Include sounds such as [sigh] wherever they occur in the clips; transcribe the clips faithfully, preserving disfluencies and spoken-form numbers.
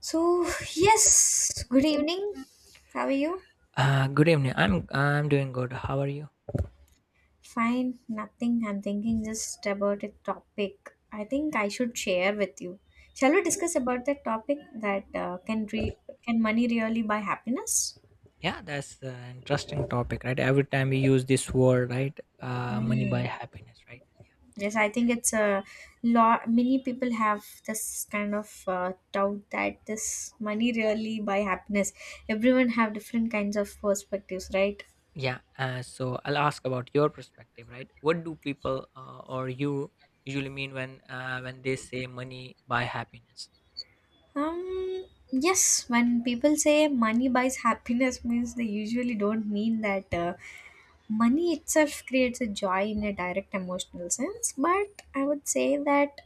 So, yes, good evening. How are you? Uh, good evening. I'm I'm doing good. How are you? Fine, nothing. I'm thinking just about a topic I think I should share with you. Shall we discuss about that topic that uh, can re- can money really buy happiness? Yeah, that's an interesting topic, right? Every time we use this word, right? Uh, money buy Mm. happiness, right? Yes, I think it's a lot. Many people have this kind of uh, doubt that this money really buy happiness. Everyone have different kinds of perspectives, right? Yeah. Uh, so I'll ask about your perspective, right? What do people uh, or you usually mean when uh, when they say money buy happiness? Um, yes, when people say money buys happiness, means they usually don't mean that uh, money itself creates a joy in a direct emotional sense. But I would say that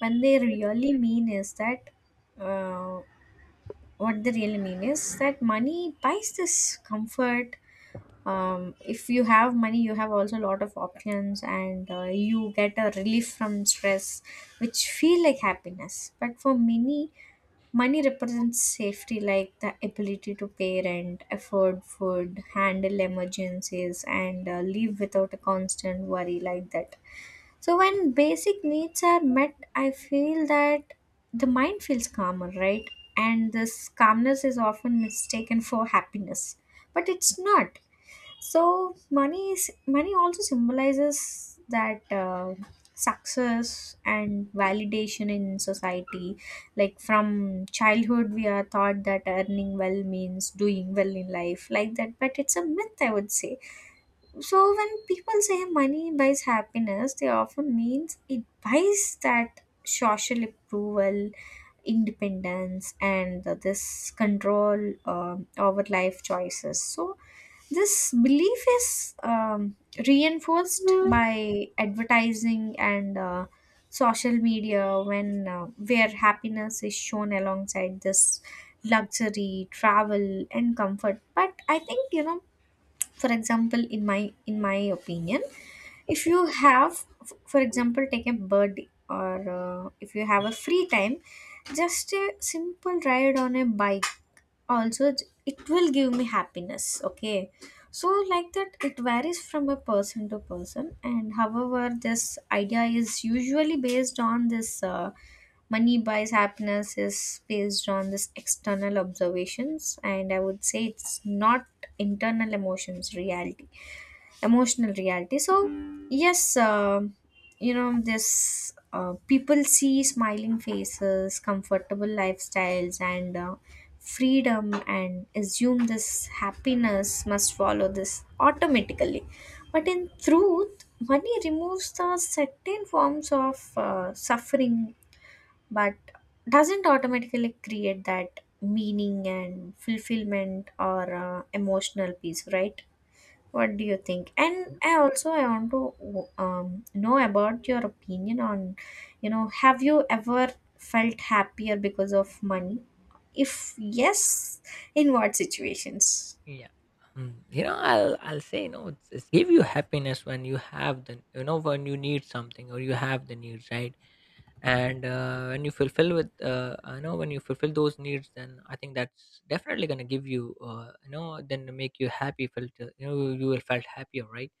when they really mean is that uh, what they really mean is that money buys this comfort. Um, if you have money, you have also a lot of options, and uh, you get a relief from stress, which feel like happiness. But for many, money represents safety, like the ability to pay rent, afford food, handle emergencies, and uh, live without a constant worry like that. So, when basic needs are met, I feel that the mind feels calmer, right? And this calmness is often mistaken for happiness, but it's not. So money is money also symbolizes that uh, success and validation in society. Like from childhood, we are taught that earning well means doing well in life, like that. But it's a myth, I would say. So when people say money buys happiness, they often means it buys that social approval, independence, and this control um over life choices. So this belief is um, reinforced by advertising and uh, social media, when uh, where happiness is shown alongside this luxury travel and comfort. But I think, you know, for example, in my in my opinion, if you have f- for example, take a bird, or uh, if you have a free time, just a simple ride on a bike also, j- it will give me happiness. Okay, so like that, it varies from a person to person. And however, this idea is usually based on this uh, money buys happiness is based on this external observations, and I would say it's not internal emotions reality emotional reality. So, yes, uh, you know, this uh, people see smiling faces, comfortable lifestyles, and uh, freedom, and assume this happiness must follow this automatically. But in truth, money removes the certain forms of uh, suffering, but doesn't automatically create that meaning and fulfillment or uh, emotional peace, right? What do you think? And I also I want to um, know about your opinion on, you know, have you ever felt happier because of money? If yes, in what situations? Yeah. Um, you know, I'll I'll say, you know, it's, it's give you happiness when you have the, you know, when you need something or you have the needs, right? And uh, when you fulfill with uh, I know when you fulfill those needs, then I think that's definitely going to give you, uh, you know, then make you happy, felt uh, you know, you will felt happier, right?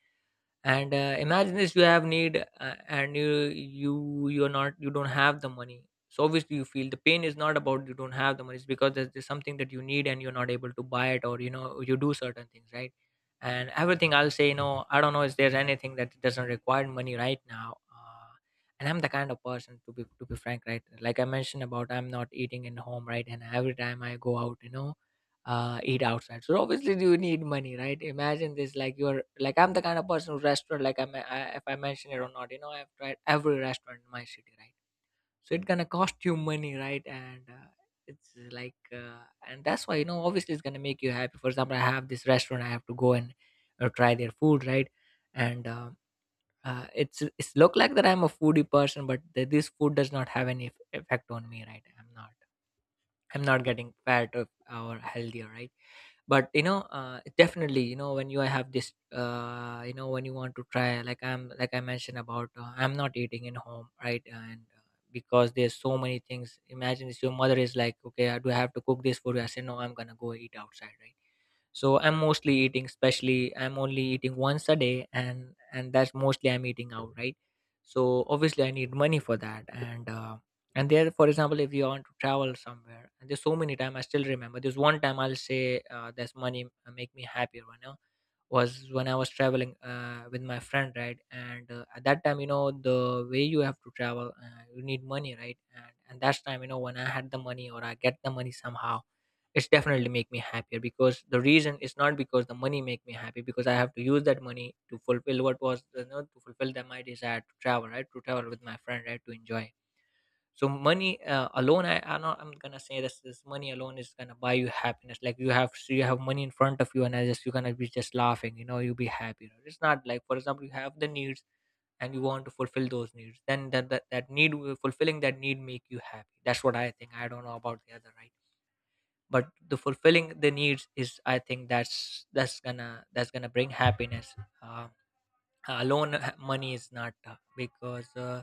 And uh, imagine this, you have need, uh, and you you you're not you don't have the money, so obviously you feel the pain is not about you don't have the money. It's because there's, there's something that you need and you're not able to buy it or, you know, you do certain things, right? And everything, I'll say, you know, I don't know if there's anything that doesn't require money right now. Uh, and I'm the kind of person, to be to be frank, right? Like I mentioned about, I'm not eating in home, right? And every time I go out, you know, uh, eat outside. So obviously you need money, right? Imagine this, like you're like, I'm the kind of person who restaurant, like I'm, I, if I mention it or not, you know, I've tried every restaurant in my city, right? So it's gonna cost you money, right? And uh, it's like, uh, and that's why, you know, obviously it's gonna make you happy. For example, I have this restaurant, I have to go and uh, try their food, right? And um uh, it's it's look like that I'm a foodie person, but th- this food does not have any eff- effect on me, right? I'm not, I'm not getting fat or, or healthier, right? But you know, uh, definitely, you know, when you have this, uh, you know, when you want to try, like I'm like I mentioned about, uh, I'm not eating in home, right? And uh, because there's so many things. Imagine if your mother is like, okay, uh, do I have to cook this for you? I say, no, I'm gonna go eat outside, right? So I'm mostly eating, especially I'm only eating once a day, and and that's mostly I'm eating out, right? So obviously I need money for that. And uh, and there, for example, if you want to travel somewhere, and there's so many time, I still remember there's one time, I'll say, uh, there's money, uh, make me happier, you know, was when I was traveling uh, with my friend, right? And uh, at that time, you know, the way you have to travel, uh, you need money, right? And and that's time, you know, when I had the money or I get the money somehow, it's definitely make me happier. Because the reason is not because the money make me happy, because I have to use that money to fulfill what was, you know, to fulfill that my desire to travel, right? To travel with my friend, right? To enjoy. So money uh, alone, I, I'm not. I'm gonna say this. This money alone is gonna buy you happiness. Like you have, so you have money in front of you, and I just you're gonna be just laughing. You know, you'll be happy, you know. It's not like, for example, you have the needs and you want to fulfill those needs. Then that that, that need will- fulfilling that need make you happy. That's what I think. I don't know about the other, right? But the fulfilling the needs is, I think that's, that's gonna that's gonna bring happiness. Um, Alone, uh, money is not, uh, because uh,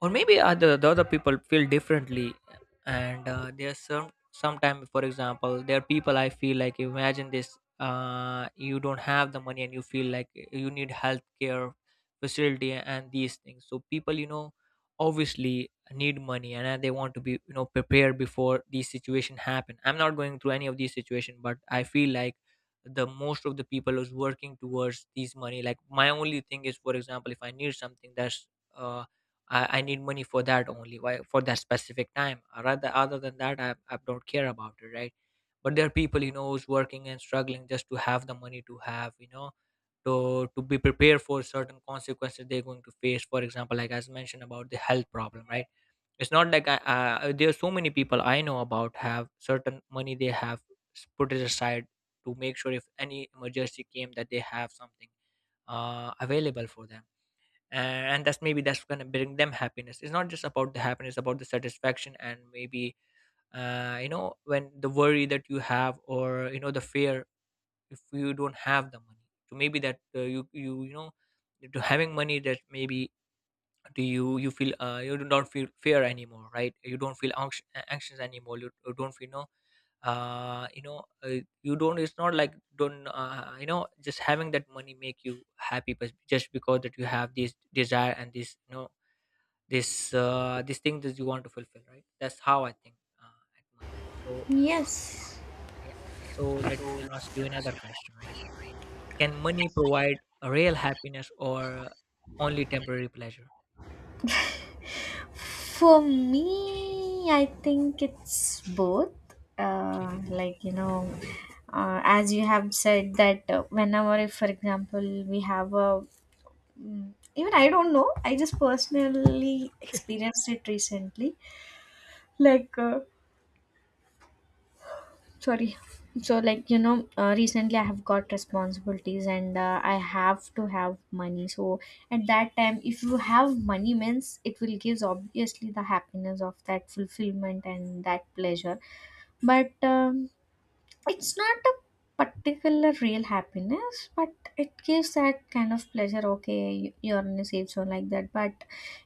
or maybe other the other people feel differently. And uh, there's some sometimes, for example, there are people, I feel like, imagine this, uh, you don't have the money and you feel like you need healthcare facility and these things, so people, you know, obviously need money, and uh, they want to be, you know, prepared before these situation happen. I'm not going through any of these situation, but I feel like the most of the people is working towards these money. Like my only thing is, for example, if I need something that's uh i, I need money for that only, why, for that specific time. Uh, rather other than that, I, I don't care about it, right? But there are people, you know, who's working and struggling just to have the money, to have, you know, to to be prepared for certain consequences they're going to face. For example, like as mentioned about the health problem, right? It's not like I, uh, there are so many people I know about have certain money they have s- put it aside to make sure if any emergency came that they have something uh, available for them. And, and that's maybe that's going to bring them happiness. It's not just about the happiness, about the satisfaction, and maybe uh, you know, when the worry that you have, or you know, the fear if you don't have the money. So maybe that, uh, you, you you know, to having money that maybe do you you feel, uh, you do not feel fear anymore, right? You don't feel anx- anxious anymore. you, you don't feel, you know, uh you know uh, you don't, it's not like don't, uh, you know, just having that money make you happy, but just because that you have this desire and this, you know, this uh this thing that you want to fulfill, right? That's how I think uh, at money. So Yes. yeah. So let me ask you another question, right? Can money provide a real happiness or only temporary pleasure? For me, I think it's both. Uh, okay. Like, you know, uh, as you have said that uh, whenever, if for example we have a— Mm. Even I don't know. I just personally experienced it recently. Like, uh, sorry. Yeah. So, like, you know, uh, recently I have got responsibilities and uh, I have to have money. So, at that time, if you have money, means it will gives obviously the happiness of that fulfillment and that pleasure. But um, it's not a particular real happiness, but it gives that kind of pleasure. Okay, you- are in a safe zone like that. But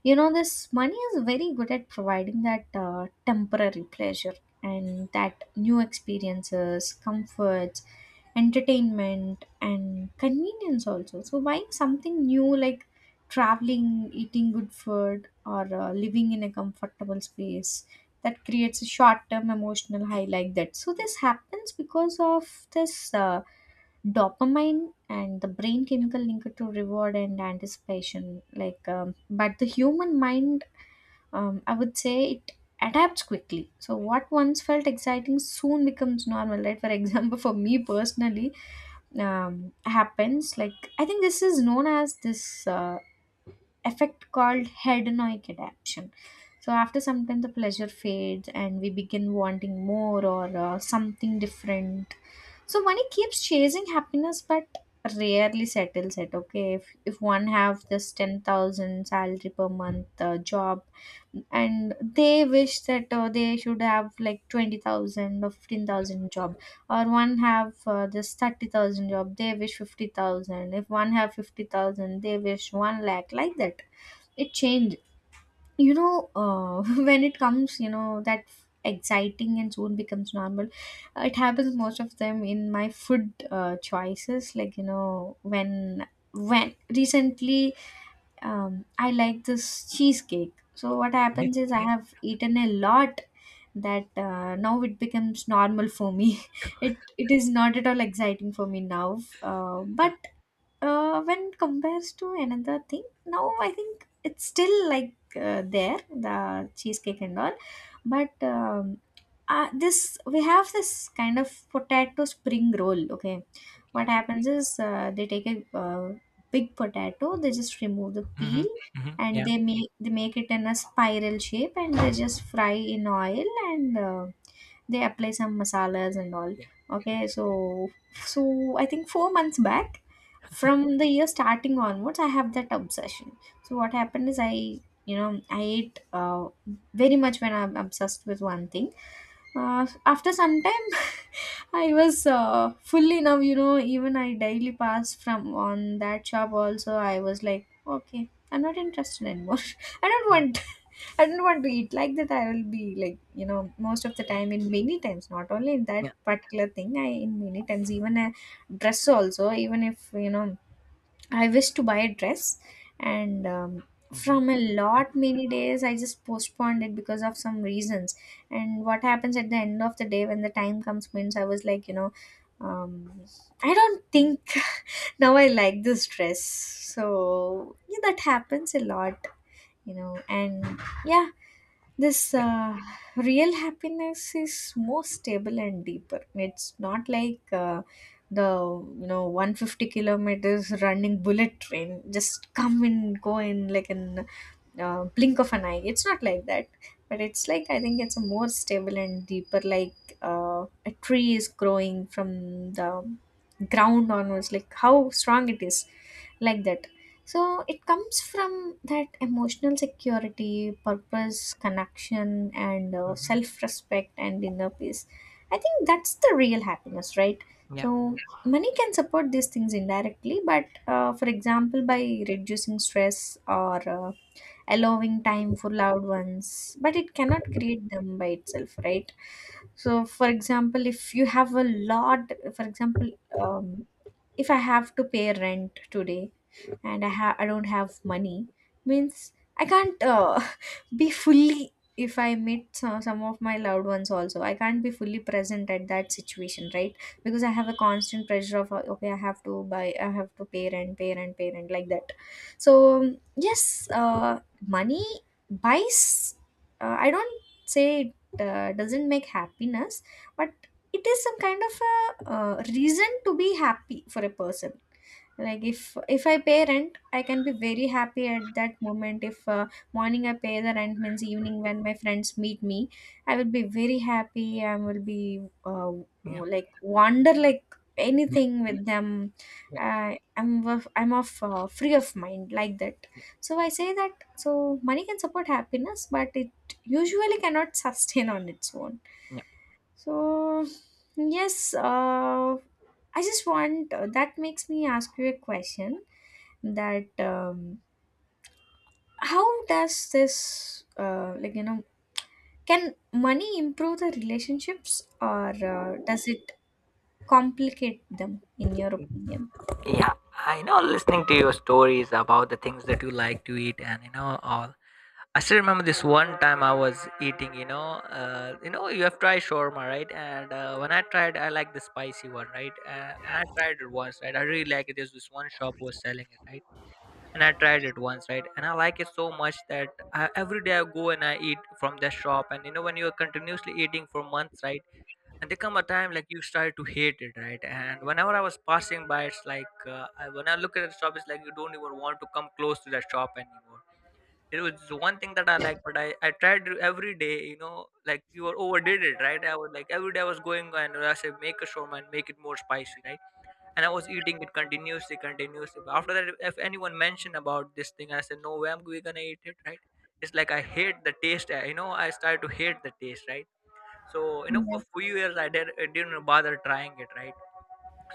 you know, this money is very good at providing that uh, temporary pleasure and that new experiences, comforts, entertainment, and convenience also. So buying something new, like traveling, eating good food, or uh, living in a comfortable space, that creates a short-term emotional high like that. So this happens because of this uh, dopamine and the brain chemical linked to reward and anticipation, like um, but the human mind, um, I would say it adapts quickly. So what once felt exciting soon becomes normal, right? For example, [laughs] for me personally, um, happens like I think this is known as this. Uh, effect called hedonic adaptation. So after some time, the pleasure fades and we begin wanting more or uh, something different. So money keeps chasing happiness, but rarely settles it. Okay, if if one have this ten thousand salary per month uh, job, and they wish that uh, they should have like twenty thousand or fifteen thousand job, or one have uh, this thirty thousand job, they wish fifty thousand. If one have fifty thousand, they wish one lakh, like that. It changed. You know, uh, [laughs] when it comes, you know, that exciting and soon becomes normal. uh, It happens most of them in my food uh, choices. Like, you know, when when recently, um, I like this cheesecake. So what happens [laughs] is I have eaten a lot, that uh, now it becomes normal for me. [laughs] It it is not at all exciting for me now, uh, Yeah. but uh, when compares to another thing, now I think it's still like, uh, there, the cheesecake and all. But um, uh, this we have this kind of potato spring roll. Okay, what Okay. happens is uh, they take a uh, big potato, they just remove the peel, Mhm, mhm, and yeah, they make they make it in a spiral shape, and they just fry in oil, and uh, they apply some masalas and all. yeah, yeah, Okay, so— so I think four months back, from the year starting onwards, I have that obsession. So what happened is I, you know, I ate uh, very much when I'm obsessed with one thing. Uh, after some time, [laughs] I was, uh, fully now, you know, even I daily pass from on that shop also, I was like, okay, I'm not interested anymore. [laughs] I don't yeah, want [laughs] I don't want to eat, like that. I will be like, you know, most of the yeah, time, in many times, not only in that yeah, particular thing, I— in many times, even a dress also. Even if, you know, I wish to buy a dress, and um, mhm, from a yeah, lot many days, I just postponed it because of some reasons. And what happens at the end of the day, when the time comes, means I was like, you know, um, I don't think [laughs] now I like this dress. So yeah, that happens a lot, you know. And yeah, this yeah, uh, real happiness is more stable and deeper. It's not like, uh, the, you know, one fifty kilometers running bullet train, just come and go in like an uh, blink of an eye. It's not like that, but it's like, I think it's a more stable and deeper. Like uh, a tree is growing from the ground onwards. Like how strong it is, like that. So it comes from that emotional security, purpose, connection, and uh, mhm, self-respect and inner peace. I think that's the real happiness, right? yeah, So money can support these things indirectly, but uh, for example, by reducing stress or uh, allowing time for loved ones, but it cannot create them by itself, right? So, for example, if you have a lot, for example, um, if I have to pay rent today, and I ha- I don't have money, means I can't, uh, [laughs] be fully— if I meet some, some of my loved ones also, I can't be fully present at that situation, right? Because I have a constant pressure of uh, okay, I have to buy, I have to pay rent pay rent pay rent, like that. So um, yes, uh, money buys, uh, I don't say it uh, doesn't make happiness, but it is some kind of a uh, reason to be happy for a person. Like if if I pay rent, I can be very happy at that moment. If, uh, morning I pay the rent, means evening when my friends meet me, I will be very happy. I will be, uh, yeah, like wander, like yeah, anything with them. yeah, uh, i'm of- I'm of uh, free of mind, like that. yeah, So I say that. So money can support happiness, but it usually cannot [laughs] sustain on its own. yeah. So, yes, uh, I just want, uh, that makes me ask you a question, that um, how does this, uh, like, you know, can money improve the relationships, or uh, does it complicate them, in your opinion? Yeah, I know, listening to your stories about the things that you like to eat and you know all. I still remember this one time I was eating, you know, uh, you know, you have tried shawarma, right? And uh, when I tried, I like the spicy one, right? Uh, and I tried it once, right? I really like it. There's this one shop who was selling it, right? And I tried it once, right? And I like it so much that I, every day I go and I eat from that shop. And you know, when you are continuously eating for months, right? And there come a time like you start to hate it, right? And whenever I was passing by, it's like, uh, I, when I look at the shop, it's like you don't even want to come close to that shop anymore. It was one thing that I like, but I, I tried to every day, you know, like you were overdid it, right? I was like every day I was going and I said make a shawarma and make it more spicy, right? And I was eating it continuously, continuously. But after that, if anyone mentioned about this thing, I said, no way, I'm we gonna eat it, right? It's like I hate the taste. uh, You know, I started to hate the taste, right? So you know, for Yes. few years, I did, I didn't bother trying it, right?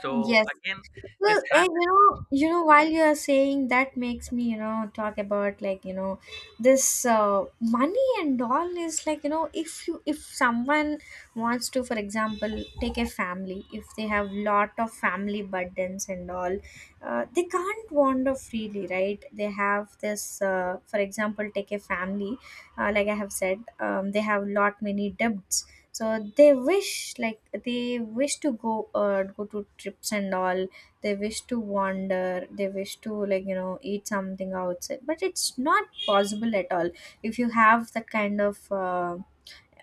So Yes, again, well, this and you happened. know, you know, while you are saying that makes me, you know, talk about, like, you know, this uh, money and all is like, you know, if you— if someone wants to, for example, take a family, if they have lot of family burdens and all, uh, they can't wander freely, right? They have this, uh, for example, take a family, uh, like I have said, um, they have lot many debts. So they wish, like they wish to go, uh, go to trips and all, they wish to wander, they wish to, like, you know, eat something outside, but it's not possible at all if you have that kind of uh,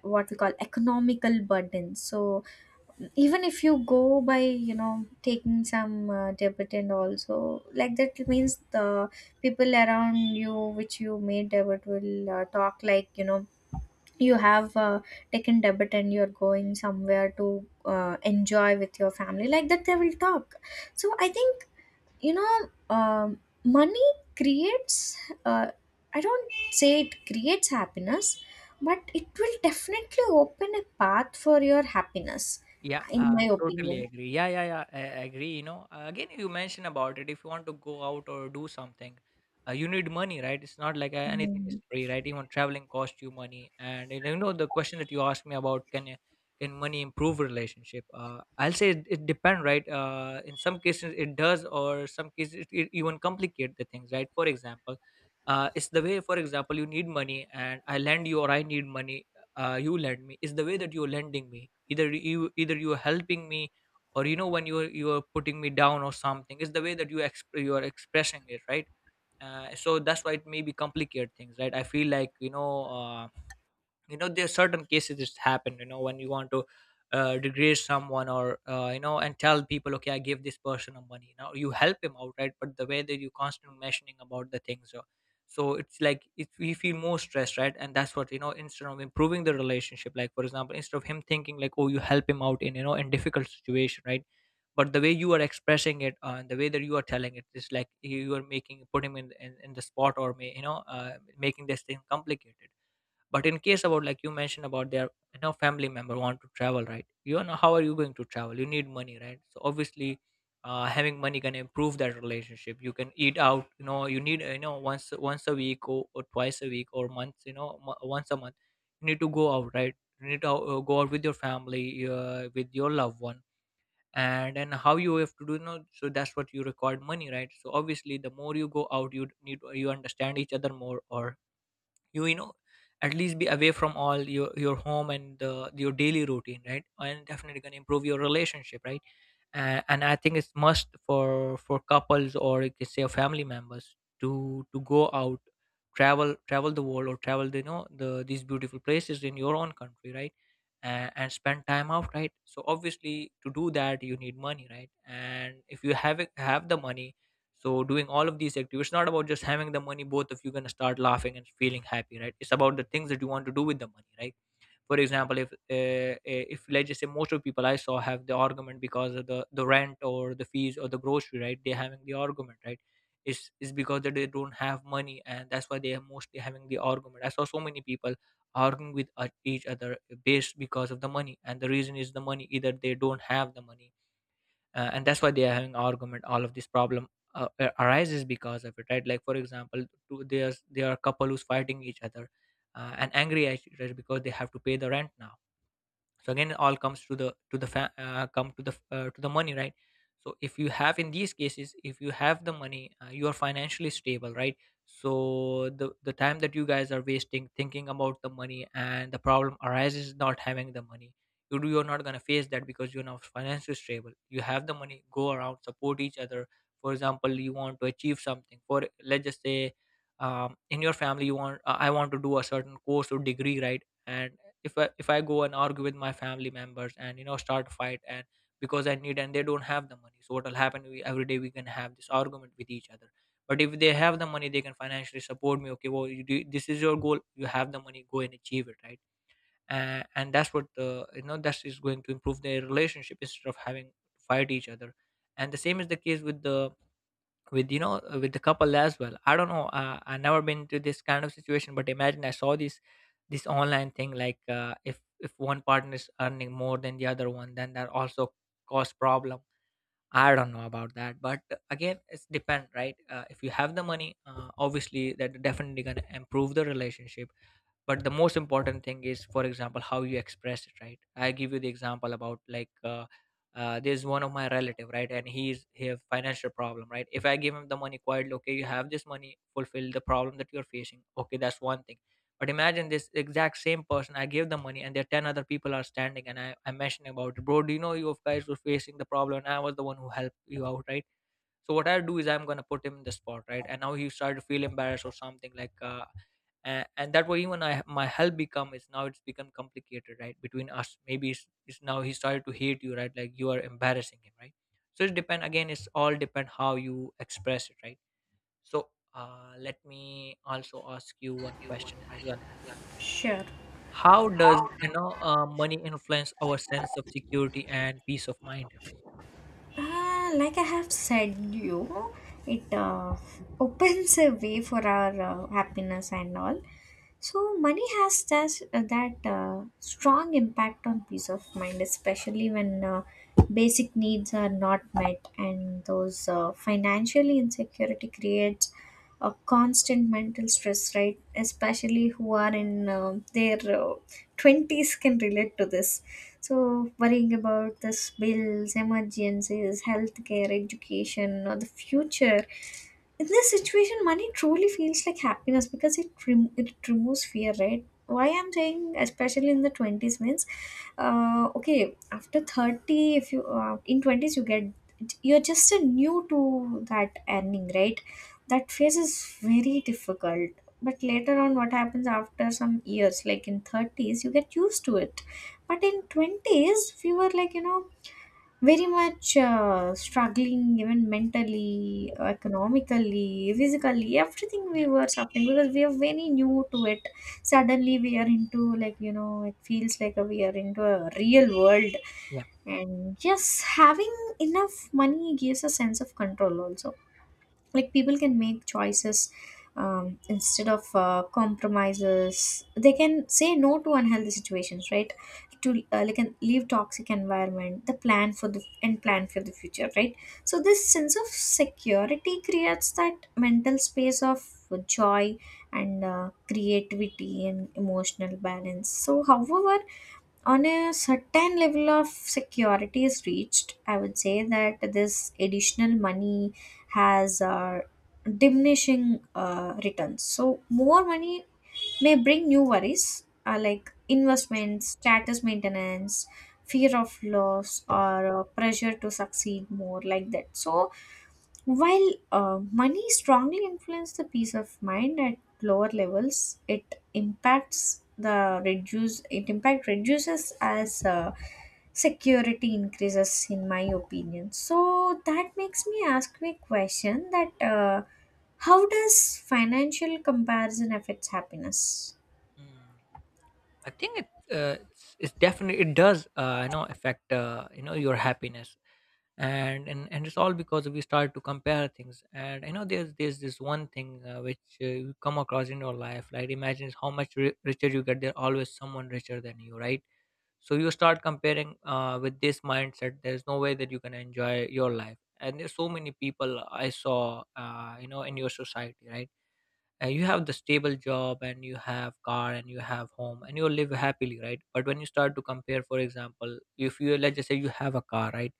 what we call economical burden. So even if you go by, you know, taking some uh, debit and also, like that, means the people around you which you made debit will uh, talk like, you know, you have uh, taken debit and you're going somewhere to uh, enjoy with your family, like that, they will talk. So I think, you know, um, money creates, uh, I don't say it creates happiness, but it will definitely open a path for your happiness, Yeah, in uh, my totally opinion. agree. Yeah, yeah, yeah, I I agree. You know, Uh, again, you mentioned about it. If you want to go out or do something, uh, you need money, right? It's not like, uh, anything is Mm. free, right? Even traveling costs you money. And you know, the question that you asked me about, can you- can money improve relationship? Uh, I'll say it, it depends, right? Uh, in some cases it does, or some cases it, it even complicate the things, right? For example, uh, it's the way. For example, you need money, and I lend you, or I need money uh, you lend me is the way that you're lending me. Either you either you're helping me or you know, when you're you're putting me down or something, is the way that you exp- you are expressing it, right? Uh, so that's why it maybe complicate things, right? I feel like, you know, uh, you know, there are certain cases that happen, you know, when you want to uh, degrade someone, or uh, you know, and tell people, okay, I give this person a money, now you help him out, right? But the way that you constantly mentioning about the things, so, so it's like it, we feel more stressed, right? And that's what, you know, instead of improving the relationship, like for example, instead of him thinking like, oh, you help him out in, you know, in difficult situation, right? But the way you are expressing it, uh, and the way that you are telling it, is like you are making, put him in in, in the spot, or may, you know, uh, making this thing complicated. But in case about, like, you mentioned about their, you know, family member want to travel, right? You know, how are you going to travel? You need money, right? So obviously, uh, having money can improve that relationship. You can eat out. You know, you need, you know, once once a week or, or twice a week, or once, you know, mo- once a month. You need to go out, right? You need to uh, go out with your family, uh, with your loved one, and and how you have to do, you know. So that's what you required money, right? So obviously, the more you go out, you need, you understand each other more, or you you know, at least be away from all your your home and the, your daily routine, right? And definitely gonna improve your relationship, right? Uh, and I think it's must for for couples, or you can say family members, to to go out, travel travel the world, or travel the, you know, the these beautiful places in your own country, right? Uh, and spend time out, right? So obviously, to do that, you need money, right? And if you have it, have the money, so doing all of these activities, it's not about just having the money, both of you gonna start laughing and feeling happy, right? It's about the things that you want to do with the money, right? For example, if uh, uh, if let's just say, most of people I saw have the argument because of the the rent, or the fees, or the grocery, right? They're having the argument, right? It's, it's because that they don't have money, and that's why they are mostly having the argument. I saw so many people arguing with uh, each other, based because of the money, and the reason is the money. Either they don't have the money, uh, and that's why they are having argument. All of this problem uh, uh, arises because of it, right? Like for example, two, there's there are couple who's fighting each other, uh, and angry at each other because they have to pay the rent now. So again, it all comes to the to the fa- uh, come to the, uh, to the money, right? So if you have, in these cases, if you have the money, uh, you are financially stable, right? So the the time that you guys are wasting thinking about the money, and the problem arises not having the money, you do, you're not going to face that, because you're now financially stable, you have the money, go around, support each other. For example, you want to achieve something, for let's just say, um, in your family, you want, uh, I want to do a certain course or degree, right? And if I, if I go and argue with my family members, and you know, start a fight, and because I need, and they don't have the money, so what will happen? We, every day we can have this argument with each other. But if they have the money, they can financially support me. Okay, well, you do, this is your goal. You have the money, go and achieve it, right? Uh, and that's what, uh, you know, that is going to improve their relationship instead of having to fight each other. And the same is the case with the with you know, uh, with the couple as well. I don't know, uh, I never been to this kind of situation, but imagine, I saw this this online thing, like uh, if if one partner is earning more than the other one, then that also cause problem. I don't know about that, but uh, again, it's depend, right? uh, if you have the money, uh, obviously that definitely gonna improve the relationship. But the most important thing is, for example, how you express it, right? I give you the example, about like, uh, uh, there's one of my relative, right? And he's he have financial problem, right? If I give him the money quietly, okay, you have this money, fulfill the problem that you're facing, okay, that's one thing. But imagine this exact same person, I give the money, and there are ten other people are standing, and i i'm mentioning about it, bro, do you know, you guys were facing the problem, and I was the one who helped you out, right? So what I do is I'm gonna put him in the spot, right? And now he started to feel embarrassed or something, like, uh, and, and that way, even I, my help become, is now it's become complicated, right? Between us, maybe it's, it's now he started to hate you, right? Like you are embarrassing him, right? So it depend again. It's all depend how you express it, right? So uh, let me also ask you one question as well. Sure. How does, you know, uh, money influence our sense of security and peace of mind? Uh, like I have said, you— it, uh, opens a way for our uh, happiness and all. So money has that uh, that uh, strong impact on peace of mind, especially when uh, basic needs are not met, and those uh, financially insecurity creates a constant mental stress. Right, especially who are in uh, their uh, twenties can relate to this. So, worrying about this bills, emergencies, healthcare, education, or the future. In this situation, money truly feels like happiness because it rem- it removes fear, right? Why I'm saying, especially in the twenties, means, uh, okay, after thirty, if you uh, in twenties you get— you're just a new to that earning, right? That phase is very difficult. But later on, what happens after some years, like in thirties, you get used to it. But in twenties we were like, you know, very much uh, struggling, even mentally, economically, physically, everything, we Yeah. were suffering because we are very new to it. Suddenly we are into, like, you know, it feels like we are into a real world. Yeah. And yes, having enough money gives a sense of control also. Like people can make choices um, instead of uh, compromises, they can say no to unhealthy situations, right? To, uh, like, and leave toxic environment, the plan for the and plan for the future, right? So this sense of security creates that mental space of joy and uh, creativity and emotional balance. So however, on a certain level of security is reached, I would say that this additional money has uh, diminishing uh, returns. So, more money may bring new worries, uh, like investments, status maintenance, fear of loss, or uh, pressure to succeed more, like that. So, while uh, money strongly influences the peace of mind at lower levels, it impacts the reduce it impact reduces as uh, security increases, in my opinion. So that makes me ask you a question, that uh, how does financial comparison affects happiness? Mm. I think it, uh, it's, it's definitely it does, uh, you know, affect, uh, you know, your happiness. And, and and it's all because we start to compare things, and I know there's there's this one thing, uh, which, uh, you come across in your life. Like imagine how much ri- richer you get, there's always someone richer than you, right? So you start comparing, uh, with this mindset, there's no way that you can enjoy your life. And there's so many people I saw, uh, you know, in your society, right? And you have the stable job, and you have car, and you have home, and you live happily, right? But when you start to compare, for example, if you, let's just say, you have a car, right?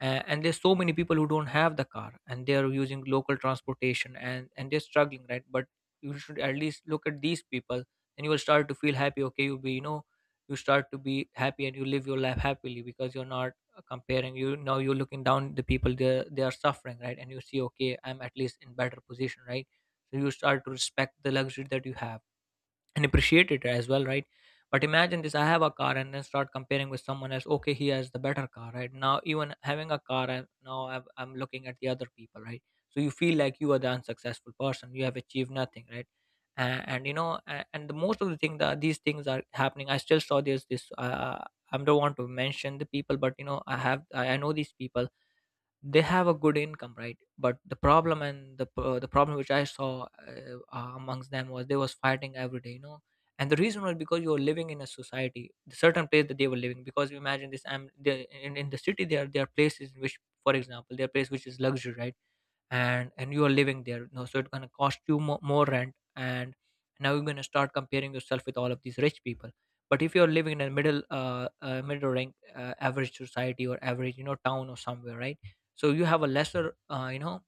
Uh, and there's so many people who don't have the car, and they are using local transportation, and and they're struggling, right? But you should at least look at these people, and you will start to feel happy, okay, you'll be, you know, you start to be happy, and you live your life happily, because you're not, uh, comparing. You now, you're looking down the people, they they are suffering, right? And you see, okay, I'm at least in better position, right? So you start to respect the luxury that you have, and appreciate it as well, right? But imagine this, I have a car, and then start comparing with someone else, okay, he has the better car, right? Now even having a car, I, now I'm, I'm looking at the other people, right? So you feel like you are the unsuccessful person, you have achieved nothing, right? And, and you know, a- and the most of the thing, that these things are happening, I still saw this this, uh, I don't want to mention the people, but you know, I have i, I know these people, they have a good income, right? But the problem, and the pro- the problem which I saw, uh, uh, amongst them, was they was fighting every day, you know. And the reason was because you were living in a society, the certain place that they were living, because, you imagine this, i'm they, in, in the city, there there are places in which, for example, there are places which is luxury, right? And and you are living there, you know, so it's going to cost you more, more rent. And now you're going to start comparing yourself with all of these rich people. But if you're living in a middle, uh, uh middle rank, uh, average society, or average, you know, town or somewhere, right? So you have a lesser, uh, you know,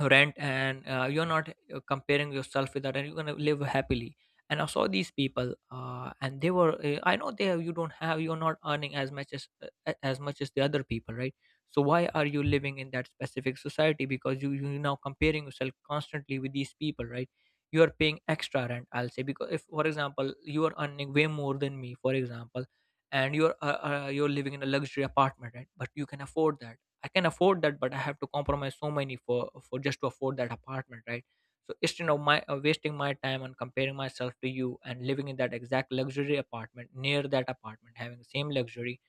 rent, and uh, you're not, uh, comparing yourself with that, and you're going to live happily. And I saw these people, uh, and they were, uh, I know they have, you don't have, you're not earning as much as, uh, as much as the other people, right? So why are you living in that specific society? Because you you now comparing yourself constantly with these people, right? You are paying extra rent, I'll say, because if for example you are earning way more than me, for example, and you're, uh, uh, you're living in a luxury apartment, right? But you can afford that. I can afford that, but I have to compromise so many, for for just to afford that apartment, right? So instead of my uh, wasting my time and comparing myself to you and living in that exact luxury apartment near that apartment, having the same luxury,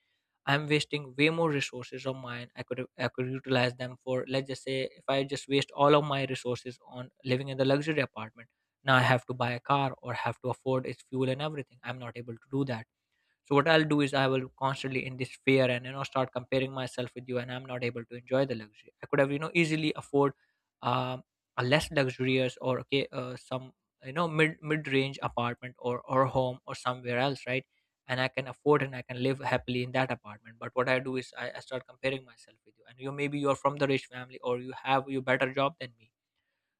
I'm wasting way more resources of mine. I could I could utilize them for, let's just say, if I just waste all of my resources on living in the luxury apartment, now I have to buy a car or have to afford its fuel and everything. I'm not able to do that, so what I'll do is I will constantly in this fear and you know start comparing myself with you, and I'm not able to enjoy the luxury I could have, you know easily afford um, a less luxurious or okay uh, some, you know, mid mid range apartment or or home or somewhere else, right? And I can afford and I can live happily in that apartment, but what I do is i, I start comparing myself with you, and you, maybe you're from the rich family or you have you better job than me.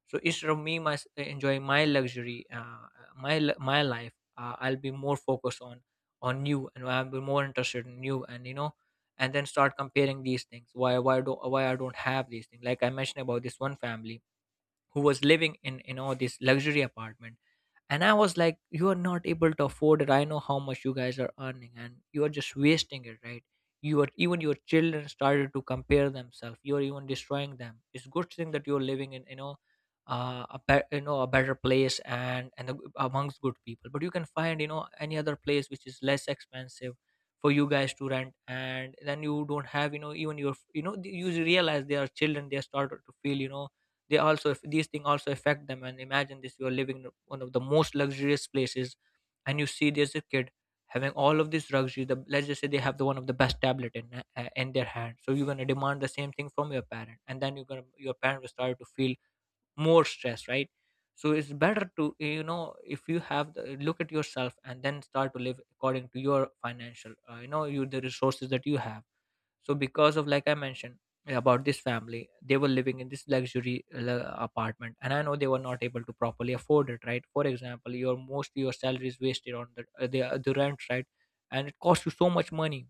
So instead of me my, enjoying my luxury uh, my l- my life uh, I'll be more focused on on you, and I'll be more interested in you, and you know, and then start comparing these things. Why why do why I don't have these things, like I mentioned about this one family who was living in, you know, this luxury apartment. And I was like, you are not able to afford it. I know how much you guys are earning and you are just wasting it, right? You are even, your children started to compare themselves. You are even destroying them. It's good thing that you're living in, you know, uh, a be- you know, a better place and and a- amongst good people, but you can find, you know, any other place which is less expensive for you guys to rent. And then you don't have, you know, even your, you know, you realize they are children, they started to feel, you know, they also, these things also affect them. And imagine this, you are living in one of the most luxurious places, and you see there's a kid having all of this luxury, the, let's just say they have the one of the best tablet in uh, in their hand. So you're going to demand the same thing from your parent, and then you're going to, your parent will start to feel more stress, right? So it's better to, you know, if you have the, look at yourself and then start to live according to your financial, uh, you know, you the resources that you have. So because of, like I mentioned, yeah, about this family, they were living in this luxury uh, apartment, and I know they were not able to properly afford it, right? For example, your most, your salary is wasted on the uh, the, the rent, right? And it costs you so much money.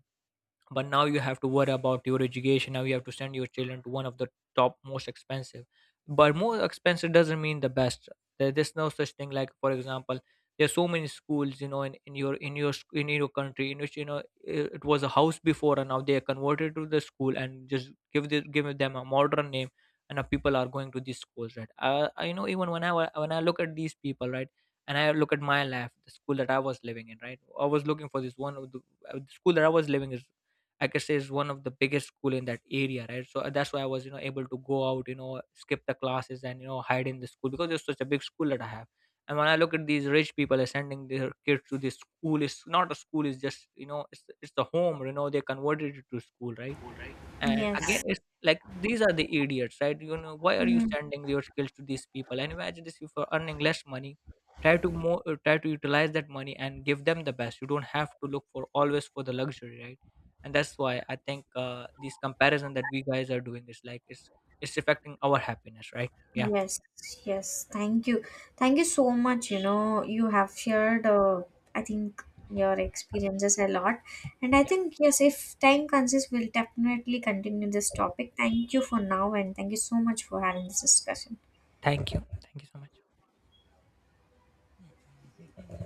But now you have to worry about your education, now you have to send your children to one of the top most expensive, but more expensive doesn't mean the best. There- there's no such thing. Like for example, there's so many schools, you know, in, in your, in your sc- in your country, in which, you know, i- it was a house before, and now they are converted to the school and just give the, give them a modern name, and now people are going to these schools, right? I I You know, even when i wa- when I look at these people, right, and I look at my life, the school that I was living in, right, I was looking for this one of the, uh, the school that I was living is. I can say is one of the biggest school in that area, right? So uh, that's why I was, you know, able to go out, you know, skip the classes, and you know, hide in the school because it's such a big school that I have. And when I look at these rich people sending their kids to this school, it's not a school, it's just, you know, it's it's the home, you know, they converted it to school, right? And Yes. again, it's like these are the idiots, right? You know, why are you sending your skills to these people? And imagine this, if you're earning less money, try to more, uh, try to utilize that money and give them the best. You don't have to look for always for the luxury, right? And that's why I think uh, these comparison that we guys are doing is like it's it's affecting our happiness, right? Yeah, Yes, yes. Thank you. Thank you so much. You know, you have shared, uh, I think, your experiences a lot. And I yeah. think, yes, if time consists, we'll definitely continue this topic. Thank you for now, and thank you so much for having this discussion. Thank you, thank you so much.